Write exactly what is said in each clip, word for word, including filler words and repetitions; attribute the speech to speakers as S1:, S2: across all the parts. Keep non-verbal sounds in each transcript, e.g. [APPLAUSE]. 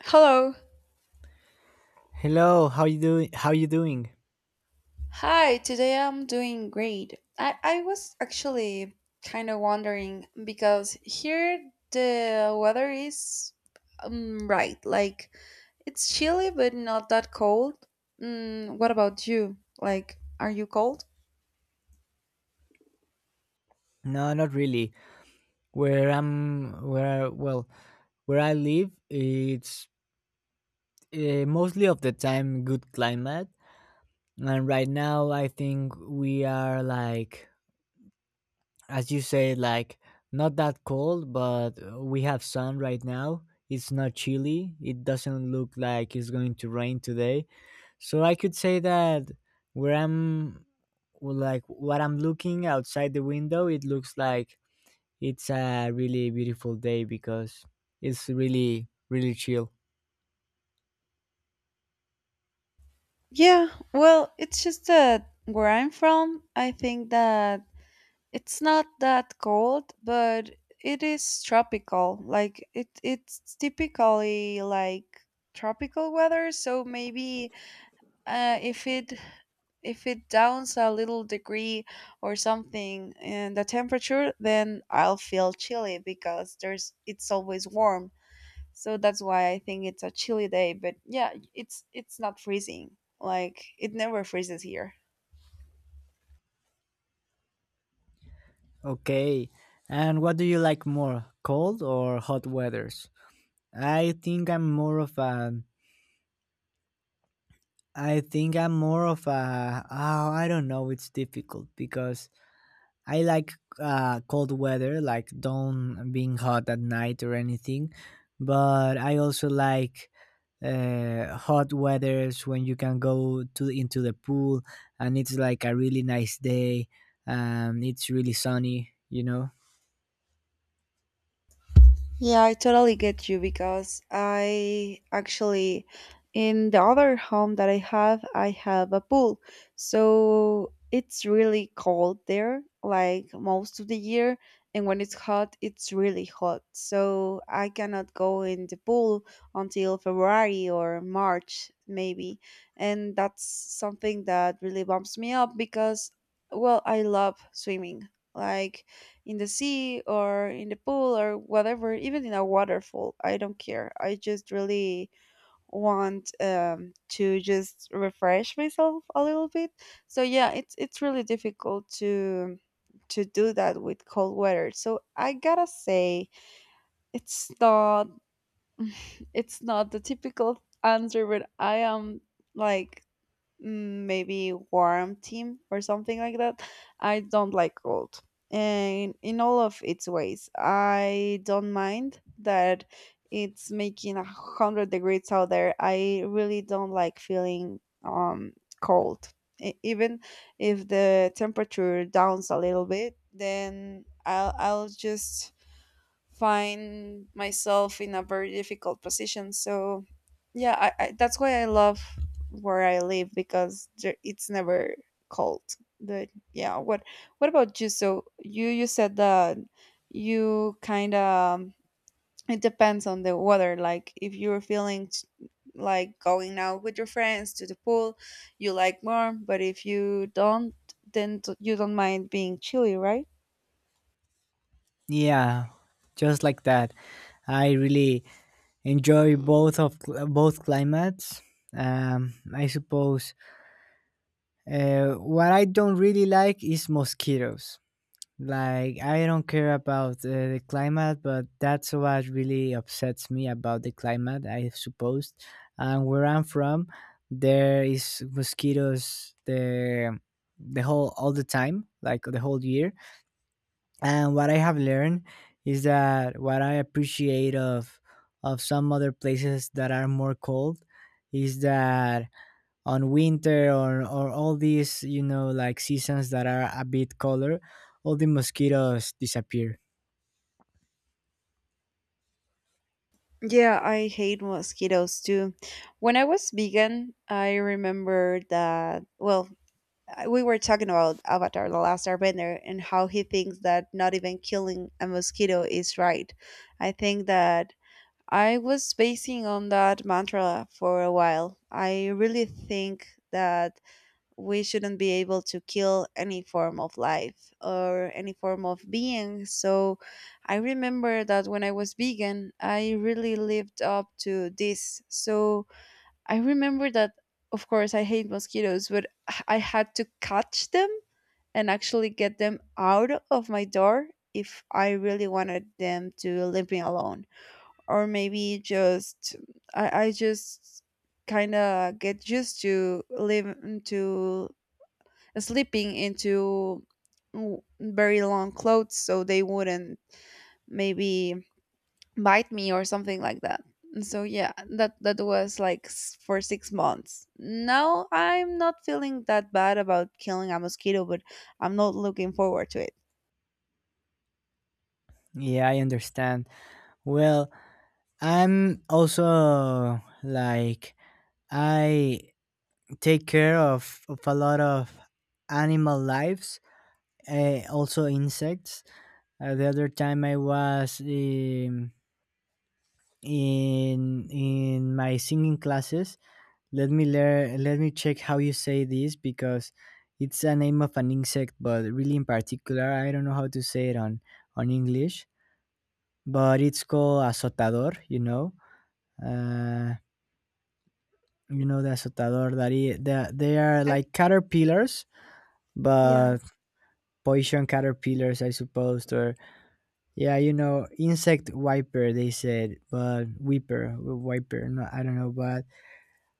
S1: Hello.
S2: Hello, how you doing? How you doing?
S1: Hi, today I'm doing great. I, I was actually kind of wondering because here the weather is um, right. Like it's chilly but not that cold. Mm, what about you? Like, are you cold?
S2: No, not really. Where I'm, where well, where I live, it's uh, mostly of the time good climate, and right now I think we are like, as you say, like not that cold, but uh, we have sun right now. It's not chilly. It doesn't look like it's going to rain today. So I could say that where I'm, like what I'm looking outside the window, it looks like it's a really beautiful day because it's really, really chill.
S1: Yeah, well, it's just that where I'm from, I think that it's not that cold, but it is tropical. Like it, it's typically like tropical weather. So maybe uh, if it if it downs a little degree or something in the temperature, then I'll feel chilly because there's it's always warm. So that's why I think it's a chilly day. But yeah, it's it's not freezing. Like it never freezes here.
S2: Okay, and what do you like more, cold or hot weathers? I think I'm more of a. I think I'm more of a. Oh, I don't know. It's difficult because I like uh, cold weather, like don't being hot at night or anything. But I also like uh, hot weathers when you can go to into the pool and it's like a really nice day and it's really sunny. You know,
S1: Yeah, I totally get you because I actually, in the other home that I have, I have a pool. So it's really cold there, like most of the year. And when it's hot, it's really hot. So I cannot go in the pool until February or March, maybe. And that's something that really bumps me up because, well, I love swimming. Like, in the sea or in the pool or whatever, even in a waterfall. I don't care. I just really want um, to just refresh myself a little bit. So yeah, it's it's really difficult to to do that with cold weather. So I gotta say, it's not it's not the typical answer, but I am like mm, maybe warm team or something like that. I don't like cold. And in all of its ways, I don't mind that it's making a hundred degrees out there. I really don't like feeling um cold. E- Even if the temperature downs a little bit, then I'll I'll just find myself in a very difficult position. So, yeah, I, I, that's why I love where I live because there, it's never cold. But yeah, what what about you? So you you said that you kind of it depends on the weather. Like if you're feeling t- like going out with your friends to the pool, you like warm. But if you don't, then t- you don't mind being chilly, right?
S2: yeah, just like that. I really enjoy both of cl- both climates. Um, I suppose uh, what I don't really like is mosquitoes. Like, I don't care about uh, the climate, but that's what really upsets me about the climate, I suppose. And where I'm from, there is mosquitoes the the whole all the time, like the whole year. And what I have learned is that what I appreciate of of some other places that are more cold is that on winter or or all these you know like seasons that are a bit colder all the mosquitoes disappear.
S1: Yeah, I hate mosquitoes too. When I was vegan, I remember that, well, I- we were talking about Avatar, The Last Airbender, and how he thinks that not even killing a mosquito is right. I think that I was basing on that mantra for a while. I really think that we shouldn't be able to kill any form of life or any form of being. So I remember that when I was vegan, I really lived up to this. So I remember that, of course, I hate mosquitoes, but I had to catch them and actually get them out of my door if I really wanted them to leave me alone. Or maybe just, I, I just kind of get used to live to sleeping into w- very long clothes so they wouldn't maybe bite me or something like that. And so yeah, that that was like s- for six months. Now I'm not feeling that bad about killing a mosquito, but I'm not looking forward to it.
S2: Yeah, I understand. Well, I'm also like I take care of, of a lot of animal lives, uh, also insects. Uh, the other time I was, um, in in my singing classes. Let me lear let me check how you say this because it's a name of an insect, but really in particular, I don't know how to say it on on English. But it's called azotador. You know, uh, you know the azotador. That i- the- they are
S1: I,
S2: like caterpillars,
S1: yeah.
S2: but poison caterpillars, I suppose. Or yeah, you know, insect wiper. They said, but weeper, wiper. No, I don't know, but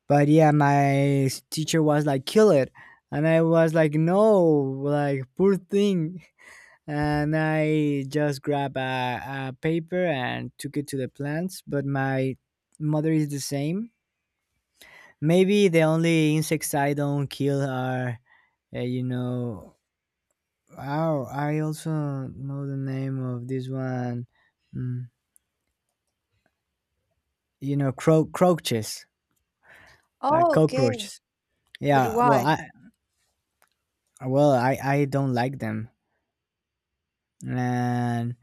S2: But yeah, my s- teacher was like, kill it. And I was like, no, like, poor thing. And I just grabbed a, a paper and took it to the plants. But my mother is the same. Maybe the only insects I don't kill are, uh, you know, oh, I also know the name of this one. Mm, you know, cro- croaches, uh,
S1: Oh, okay.
S2: cockroaches.
S1: But
S2: Yeah, well,
S1: why?
S2: I well, I I don't like them, and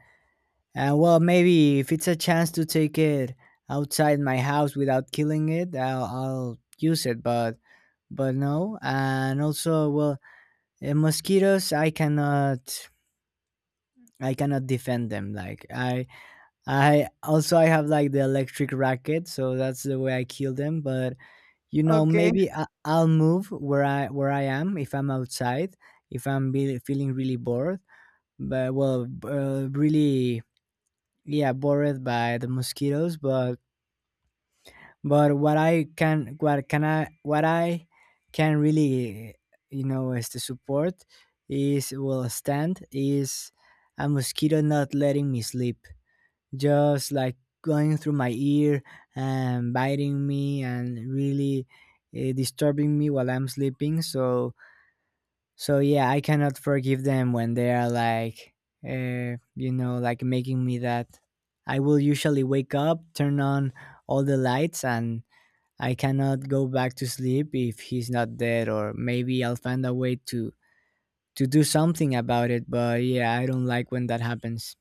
S2: and well maybe if it's a chance to take it outside my house without killing it, i'll, I'll use it, but but no. And also well, eh, mosquitoes, i cannot I cannot defend them. Like i I also, I have like the electric racket, so that's the way I kill them. But you know,
S1: Okay.
S2: maybe I, I'll move where I where I am if I'm outside, if I'm be, feeling really bored but well, b- uh, really, yeah, bothered by the mosquitoes. but but what I can what can I what I can really, you know, is to support, is will stand is a mosquito not letting me sleep, just like going through my ear and biting me and really uh, disturbing me while I'm sleeping. So so yeah, I cannot forgive them when they are like, uh, you know, like making me that. I will usually wake up, turn on all the lights, and I cannot go back to sleep if he's not dead. Or maybe I'll find a way to to do something about it. But yeah, I don't like when that happens.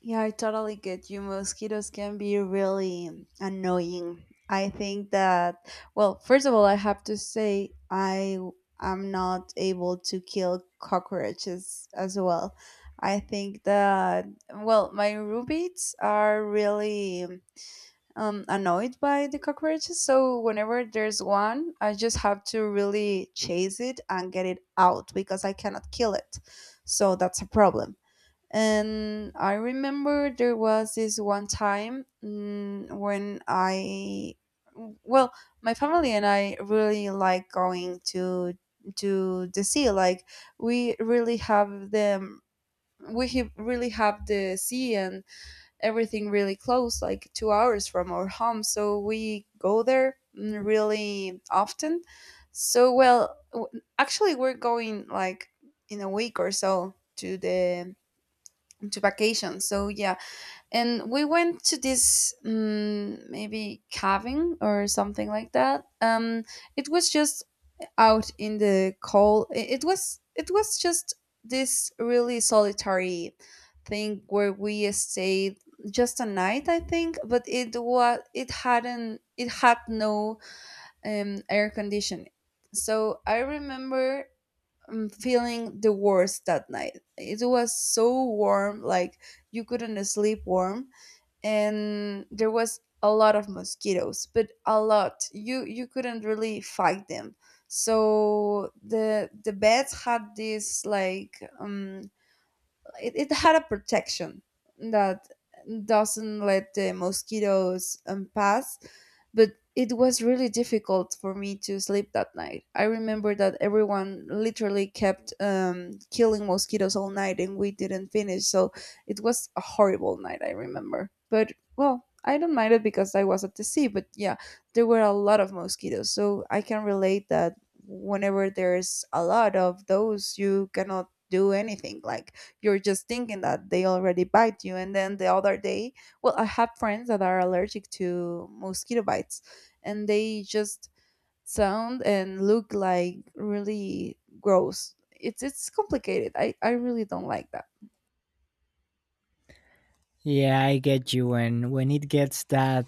S1: Yeah, I totally get you. Mosquitoes can be really annoying. I think that, well, first of all, I have to say I am not able to kill cockroaches as well. I think that, well, my roommates are really um, annoyed by the cockroaches. So whenever there's one, I just have to really chase it and get it out because I cannot kill it. So that's a problem and I remember there was this one time mm, when I, well, my family and I really like going to to the sea. Like we really have them. We have really have the sea and everything really close, like two hours from our home. So we go there mm, really often. So well, w- actually, we're going like in a week or so to the to vacation. So yeah, and we went to this um, maybe cabin or something like that. Um, it was just out in the cold. i- It was it was just this really solitary thing where we stayed just a night, I think. But it was it hadn't it had no um, air conditioning. So I remember um, feeling the worst that night. It was so warm, like you couldn't sleep warm, and there was a lot of mosquitoes, but a lot. You you couldn't really fight them. So the the beds had this like um it, it had a protection that doesn't let the mosquitoes um, pass but it was really difficult for me to sleep that night. I remember that everyone literally kept um, killing mosquitoes all night and we didn't finish, so it was a horrible night. I remember but well I don't mind it because I was at the sea. But yeah, there were a lot of mosquitoes, so I can relate that whenever there's a lot of those you cannot do anything. Like you're just thinking that they already bite you and then the other day, well, I have friends that are allergic to mosquito bites and they just sound and look like really gross. It's it's complicated. I i really don't like that.
S2: Yeah, I get you. When when it gets that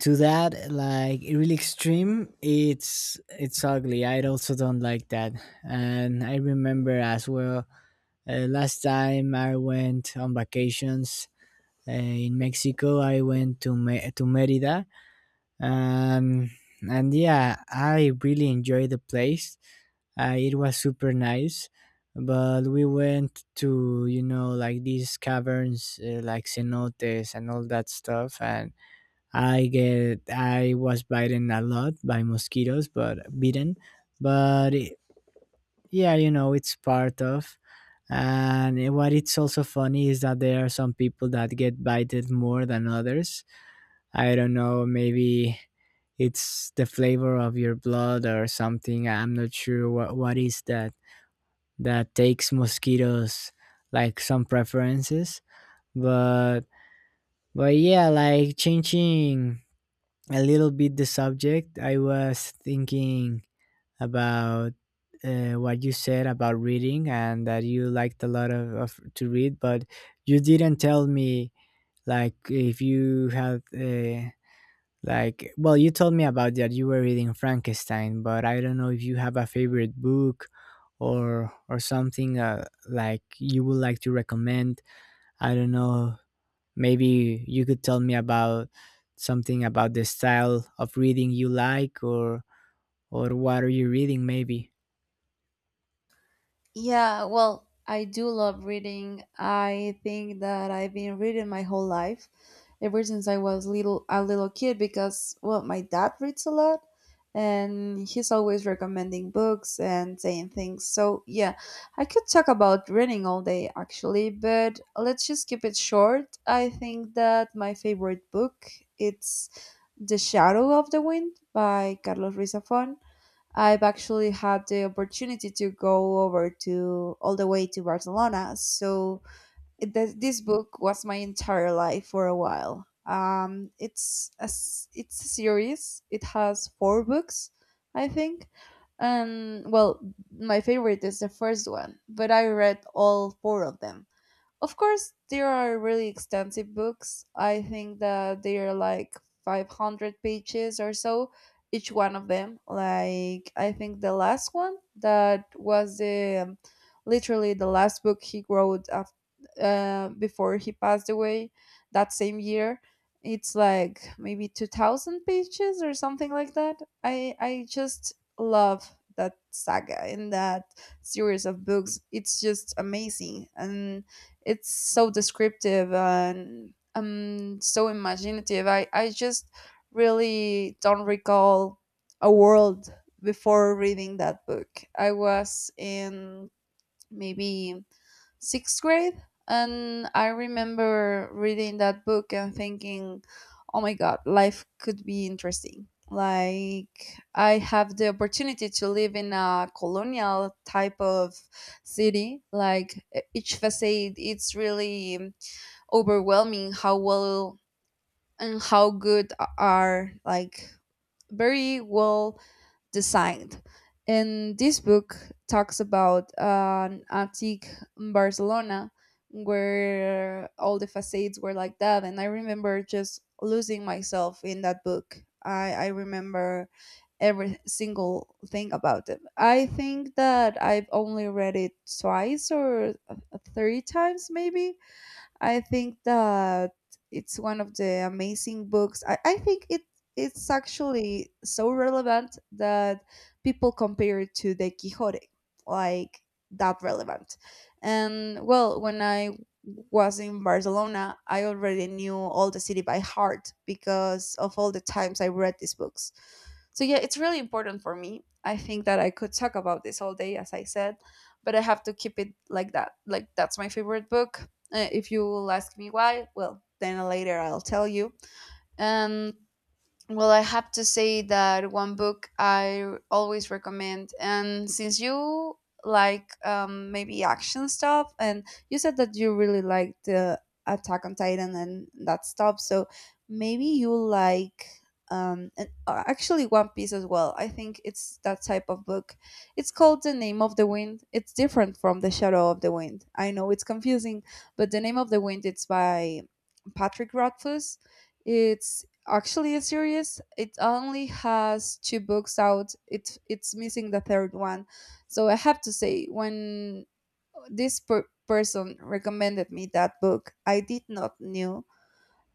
S2: to that like really extreme, it's it's ugly. I also don't like that. And I remember as well, Uh, last time I went on vacations uh, in Mexico, I went to Me- to Merida, and and yeah, I really enjoyed the place. Uh, it was super nice, but we went to, you know, like these caverns, uh, like cenotes and all that stuff, and I get I was bitten a lot by mosquitoes, but bitten. But it, yeah, you know, it's part of. And it- what it's also funny is that there are some people that get bited more than others. I don't know, maybe it's the flavor of your blood or something. I'm not sure what, what is that that takes mosquitoes like some preferences. But but yeah, like, changing a little bit the subject, I was thinking about uh, what you said about reading and that you liked a lot of, of to read, but you didn't tell me like if you had, uh, like, well, you told me about that you were reading Frankenstein, but I don't know if you have a favorite book or or something, uh, like you would like to recommend. I don't know. Maybe you could tell me about something about the style of reading you like, or or what are you reading maybe.
S1: Yeah, well, I do love reading. I think that I've been reading my whole life, ever since I was little a little kid because well, my dad reads a lot and he's always recommending books and saying things. So, yeah, I could talk about reading all day actually, but let's just keep it short. I think that my favorite book it's The Shadow of the Wind by Carlos Ruiz Zafón. I've actually had the opportunity to go over to all the way to Barcelona. So it, th- this book was my entire life for a while. Um, it's a s- it's a series. It has four books, I think. And well, my favorite is the first one, but I read all four of them. Of course, there are really extensive books. I think that they are like five hundred pages or so, each one of them. Like, I think the last one that was the um, literally the last book he wrote af- uh, before he passed away that same year. It's like maybe two thousand pages or something like that. I, I just love that saga and that series of books. It's just amazing. And it's so descriptive and um so imaginative. I i just really don't recall a world before reading that book. I was in maybe sixth grade. And I remember reading that book and thinking, oh my God, life could be interesting. Like, I have the opportunity to live in a colonial type of city. Like, e- each facade, it's really overwhelming how well and how good are, like, very well designed. And this book talks about an antique Barcelona where all the facades were like that. And I remember just losing myself in that book. I, I remember every single thing about it. I think that I've only read it twice or uh, three times, maybe. I think that it's one of the amazing books. I, I think it it's actually so relevant that people compare it to the Quixote, like that relevant. And well, when I was in Barcelona, I already knew all the city by heart because of all the times I read these books. So yeah, it's really important for me. I think that I could talk about this all day, as I said, but I have to keep it like that. Like that's my favorite book. Uh, if you will ask me why, well, then later I'll tell you. And well, I have to say that one book I always recommend, and since you like um, maybe action stuff, and you said that you really like the Attack on Titan and that stuff, so maybe you like um, and uh, actually One Piece as well. I think it's that type of book. It's called The Name of the Wind. It's different from The Shadow of the Wind. I know it's confusing, but The Name of the Wind it's by Patrick Rothfuss. It's actually a series. It only has two books out. It it's missing the third one. So I have to say, when this per- person recommended me that book, I did not knew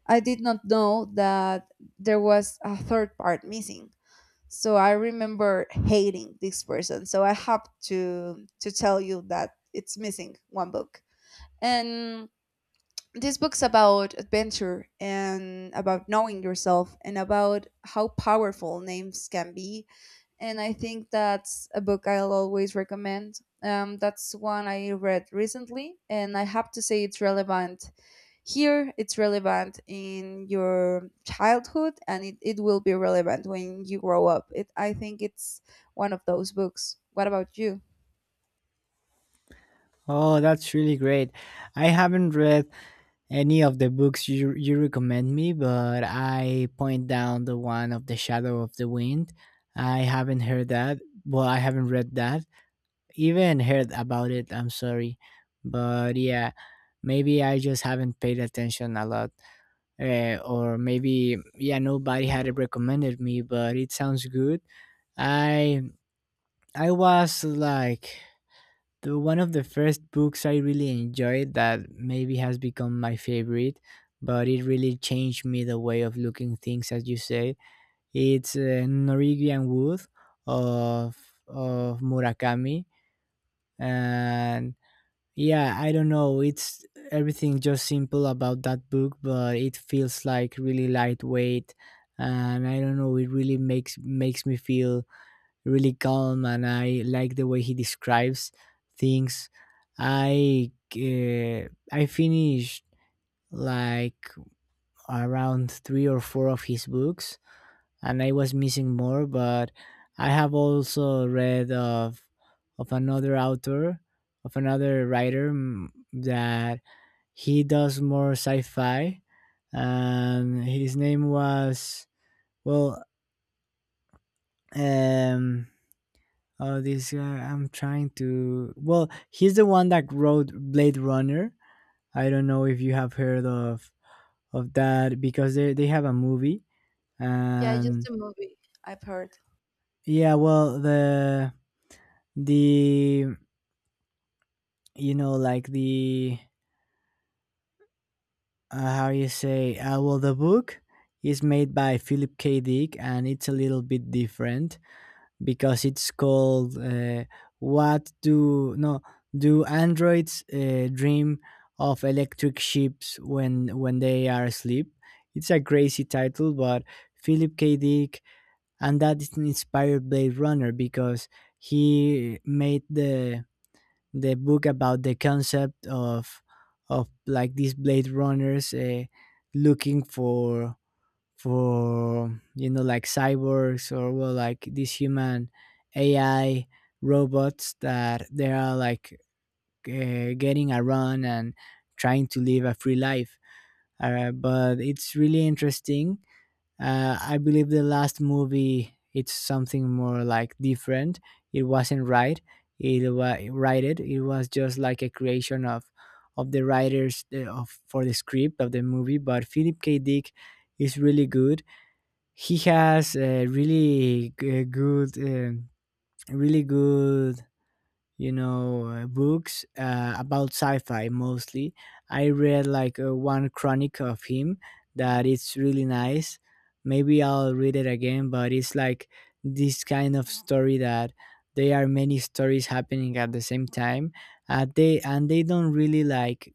S1: I did not know that there was a third part missing. So I remember hating this person. So I have to to tell you that it's missing one book. And this book's about adventure and about knowing yourself and about how powerful names can be. And I think that's a book I'll always recommend. Um, that's one I read recently, and I have to say it's relevant here, it's relevant in your childhood, and it, it will be relevant when you grow up. It, I think it's one of those books. What about you?
S2: Oh, that's really great. I haven't read any of the books you, you recommend me, but I point down the one of The Shadow of the Wind. I haven't heard that. Well, I haven't read that. Even heard about it, I'm sorry. But yeah, maybe I just haven't paid attention a lot. Uh, or maybe, yeah, nobody had recommended me, but it sounds good. I I was like the one of the first books I really enjoyed that maybe has become my favorite, but it really changed me the way of looking things, as you say. It's uh, Norwegian Wood of of Murakami, and yeah, I don't know. It's everything just simple about that book, but it feels like really lightweight, and I don't know. It really makes makes me feel really calm, and I like the way he describes things. I uh, I finished like around three or four of his books, and I was missing more. But I have also read of of another author of another writer, mm, that he does more sci-fi, and his name was, well, um oh, this guy, I'm trying to. Well, he's the one that wrote Blade Runner. I don't know if you have heard of of that, because they they have a movie.
S1: Yeah,
S2: And
S1: just a movie I've heard.
S2: yeah, well, the the you know, like, the uh, how you say, uh, well, the book is made by Philip K. Dick, and it's a little bit different because it's called, uh, "What Do No Do Androids, uh, Dream of Electric Ships When When They Are Asleep?" It's a crazy title, but Philip K. Dick, and that is inspired Blade Runner because he made the the book about the concept of of like these Blade Runners uh, looking for for you know, like cyborgs, or well, like these human A I robots that they are like uh, getting around and trying to live a free life. Uh, but it's really interesting. Uh, I believe the last movie it's something more like different. It wasn't right. It was righted. It was just like a creation of of the writers, uh, of, for the script of the movie. But Philip K. Dick is really good. He has a really g- eh, good, um really good, you know, uh, books uh, about sci-fi mostly. I read like, uh, one chronic of him that it's really nice. Maybe I'll read it again, but it's like this kind of story that there are many stories happening at the same time. Uh, they and they don't really like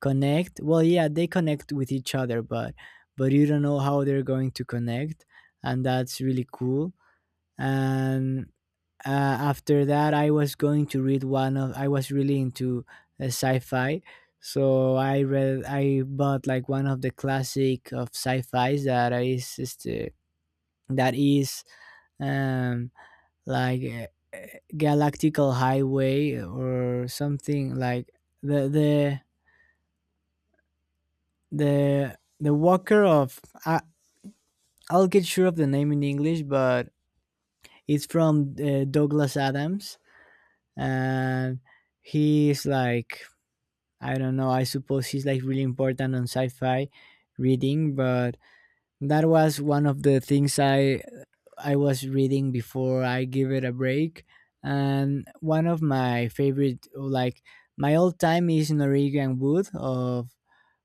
S2: connect. Well, yeah, they connect with each other, but but you don't know how they're going to connect, and that's really cool. And uh, after that, I was going to read one of I was really into uh, sci-fi, so I read, I bought like one of the classic of sci-fis that is just, uh, that is, um like, uh, galactical highway or something, like the the the the Walker of, I, I'll get sure of the name in English, but it's from uh, Douglas Adams, and he's like, I don't know. I suppose he's like really important on sci-fi reading, but that was one of the things I I was reading before I give it a break. And one of my favorite, like my all time, is Norwegian Wood of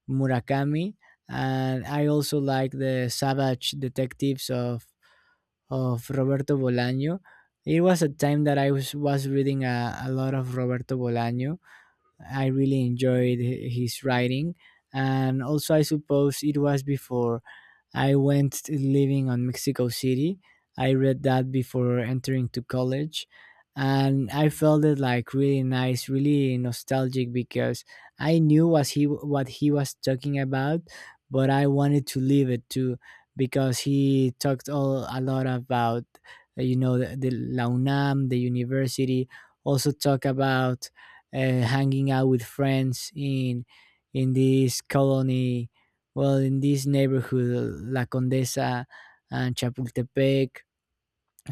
S2: Murakami, and I also like the Savage Detectives of of Roberto Bolaño. It was a time that I was was reading a, a lot of Roberto Bolaño. I really enjoyed his writing, and also I suppose it was before I went to living on Mexico City. I read that before entering to college, and I felt it like really nice, really nostalgic because I knew was he what he was talking about, but I wanted to live it too because he talked all a lot about uh, you know the, the La UNAM, the university. Also talk about uh, hanging out with friends in in this colony well, in this neighborhood, La Condesa and Chapultepec.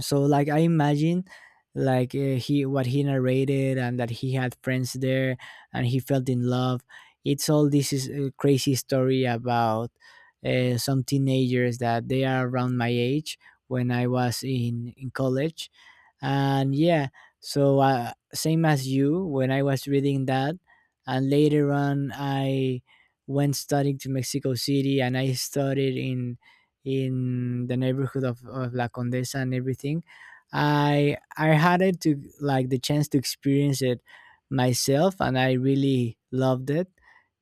S2: So like I imagine, like uh, he what he narrated, and that he had friends there and he felt in love. It's all, this is a crazy story about uh, some teenagers that they are around my age when I was in in college. And yeah, so uh, same as you, when I was reading that, and later on I went studying to Mexico City, and I studied in in the neighborhood of, of La Condesa and everything. I I had it to like the chance to experience it myself, and I really loved it.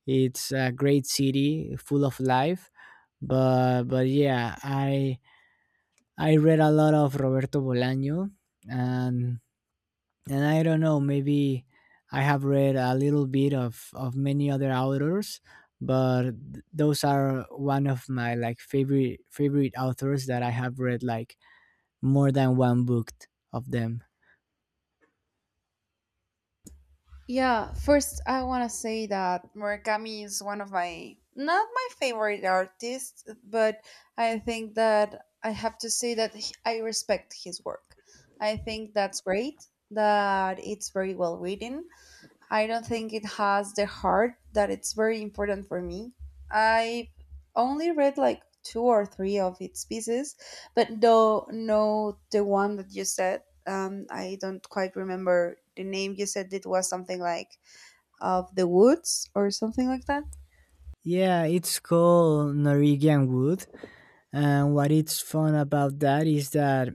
S2: It's a great city, full of life. But but yeah, I I read a lot of Roberto Bolaño, and and I don't know, maybe I have read a little bit of of many other authors, but th- those are one of my like favorite favorite authors that I have read like more than one book of them.
S1: Yeah, first I want to say that Murakami is one of my not my favorite artists, but I think that I have to say that h- I respect his work. I think that's great, that it's very well written. I don't think it has the heart that it's very important for me. i only read like two or three of its pieces, but though no the one that you said, um, I don't quite remember the name. You said it was something like of the woods or something like that.
S2: Yeah, it's called Norwegian Wood, and what it's fun about that is that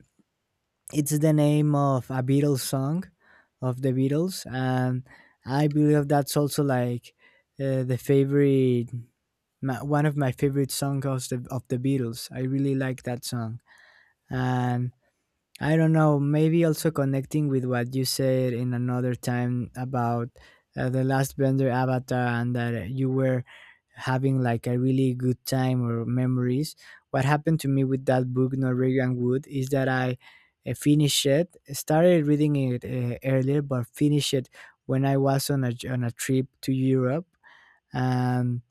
S2: it's the name of a Beatles song of the Beatles, and I believe that's also like uh, the favorite, my, one of my favorite songs of the of the Beatles. I really like that song, and I don't know, maybe also connecting with what you said in another time about uh, the last Bender avatar and that you were having like a really good time or memories. What happened to me with that book, Norwegian Wood, is that I uh, finished it, started reading it uh, earlier, but finished it when I was on a, on a trip to Europe. And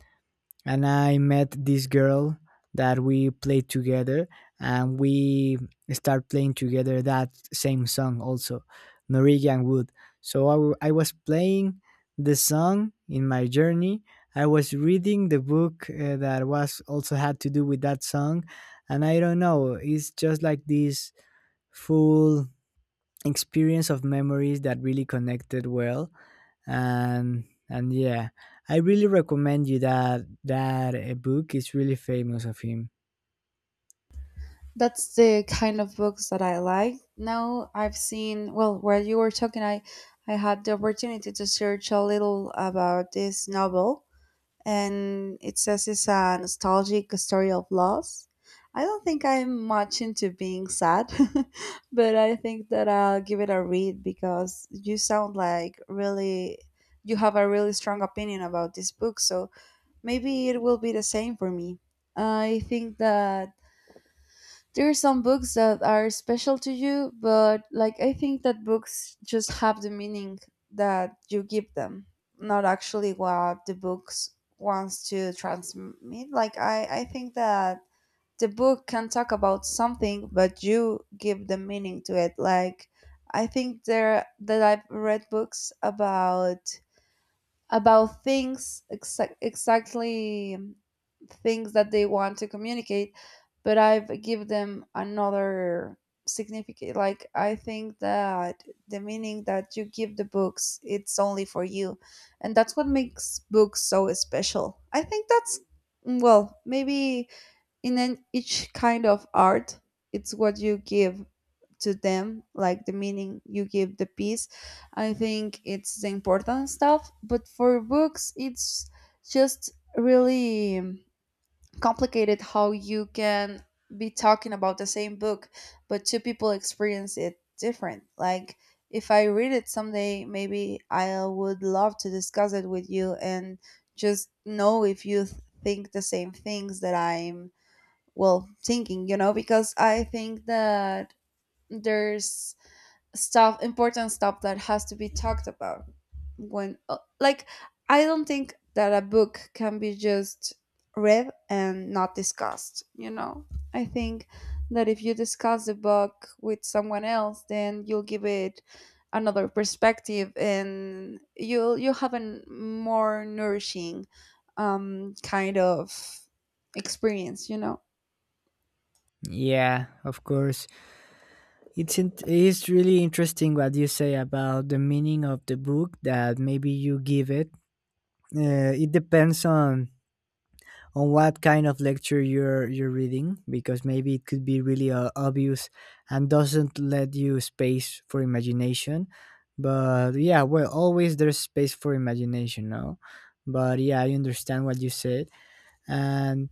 S2: and I met this girl that we played together, and we start playing together that same song also, Norwegian Wood. So I, w- I was playing the song in my journey. I was reading the book uh, that was also had to do with that song, and I don't know, it's just like this full experience of memories that really connected well. And and yeah, I really recommend you that, that a book is really famous of him.
S1: That's the kind of books that I like. Now I've seen, well, while you were talking, I I had the opportunity to search a little about this novel and it says it's a nostalgic story of loss. I don't think I'm much into being sad, [LAUGHS] but I think that I'll give it a read because you sound like really you have a really strong opinion about this book, so maybe it will be the same for me. I think that there are some books that are special to you, but like I think that books just have the meaning that you give them, not actually what the books wants to transmit. Like I, I think that the book can talk about something, but you give the meaning to it. Like I think there that I've read books about about things exa- exactly things that they want to communicate but I've give them another significant. Like I think that the meaning that you give the books, it's only for you, and that's what makes books so special. I think that's well maybe in an, each kind of art it's what you give to them, like the meaning you give the piece. I think it's the important stuff, but for books it's just really um, complicated how you can be talking about the same book but two people experience it different. Like if I read it someday, maybe I would love to discuss it with you and just know if you th- think the same things that I'm well thinking, you know, because I think that there's stuff important stuff that has to be talked about when uh, like I don't think that a book can be just read and not discussed, you know. I think that if you discuss the book with someone else then you'll give it another perspective and you'll you'll have a n- more nourishing um kind of experience, you know.
S2: Yeah, of course. It's in, it's really interesting what you say about the meaning of the book, that maybe you give it uh, it depends on on what kind of lecture you're you're reading, because maybe it could be really uh, obvious and doesn't let you space for imagination. But yeah, well, always there's space for imagination, no? But yeah, I understand what you said. and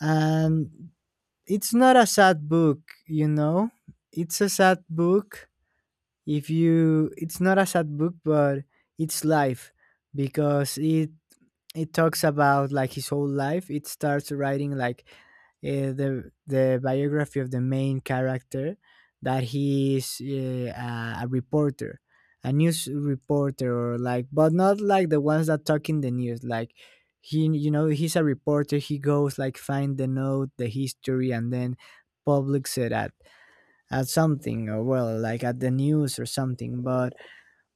S2: and it's not a sad book, you know. It's a sad book, if you, it's not a sad book, but it's life, because it it talks about like his whole life. It starts writing like uh, the the biography of the main character, that he is uh, a, a reporter, a news reporter, or like, but not like the ones that talk in the news. Like he, you know, he's a reporter. He goes like find the note, the history, and then publics it at at something, or well, like at the news or something. But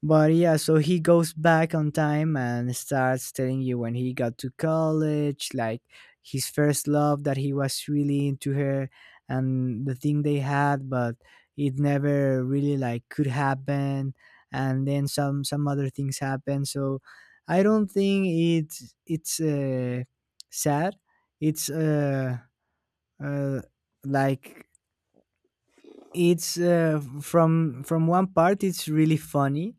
S2: but yeah, so he goes back on time and starts telling you when he got to college, like his first love that he was really into her and the thing they had, but it never really like could happen. And then some some other things happen. So I don't think it's it's uh, sad. It's uh, uh like it's uh, from from one part it's really funny,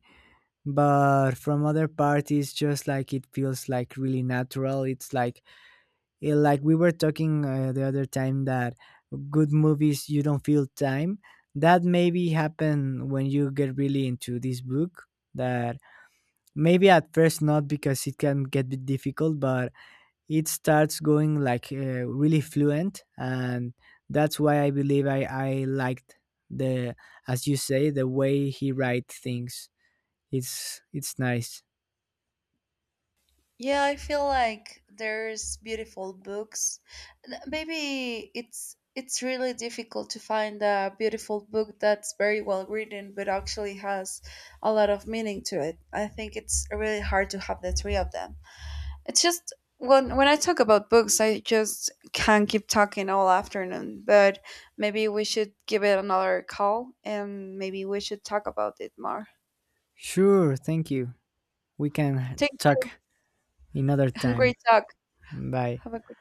S2: but from other parties just like it feels like really natural. It's like, eh, like we were talking uh, the other time, that good movies you don't feel time, that maybe happen when you get really into this book. That maybe at first not, because it can get bit difficult, but it starts going like uh, really fluent. And that's why I believe i i liked the, as you say, the way he write things, it's it's nice.
S1: Yeah, I feel like there's beautiful books. N- Maybe it's it's really difficult to find a beautiful book that's very well written but actually has a lot of meaning to it. I think it's really hard to have the three of them. It's just when when I talk about books, I just can't keep talking all afternoon, but maybe we should give it another call and maybe we should talk about it more.
S2: Sure, thank you. We can
S1: Thank
S2: talk
S1: you.
S2: another
S1: [LAUGHS]
S2: time.
S1: Great talk.
S2: Bye.
S1: Have a great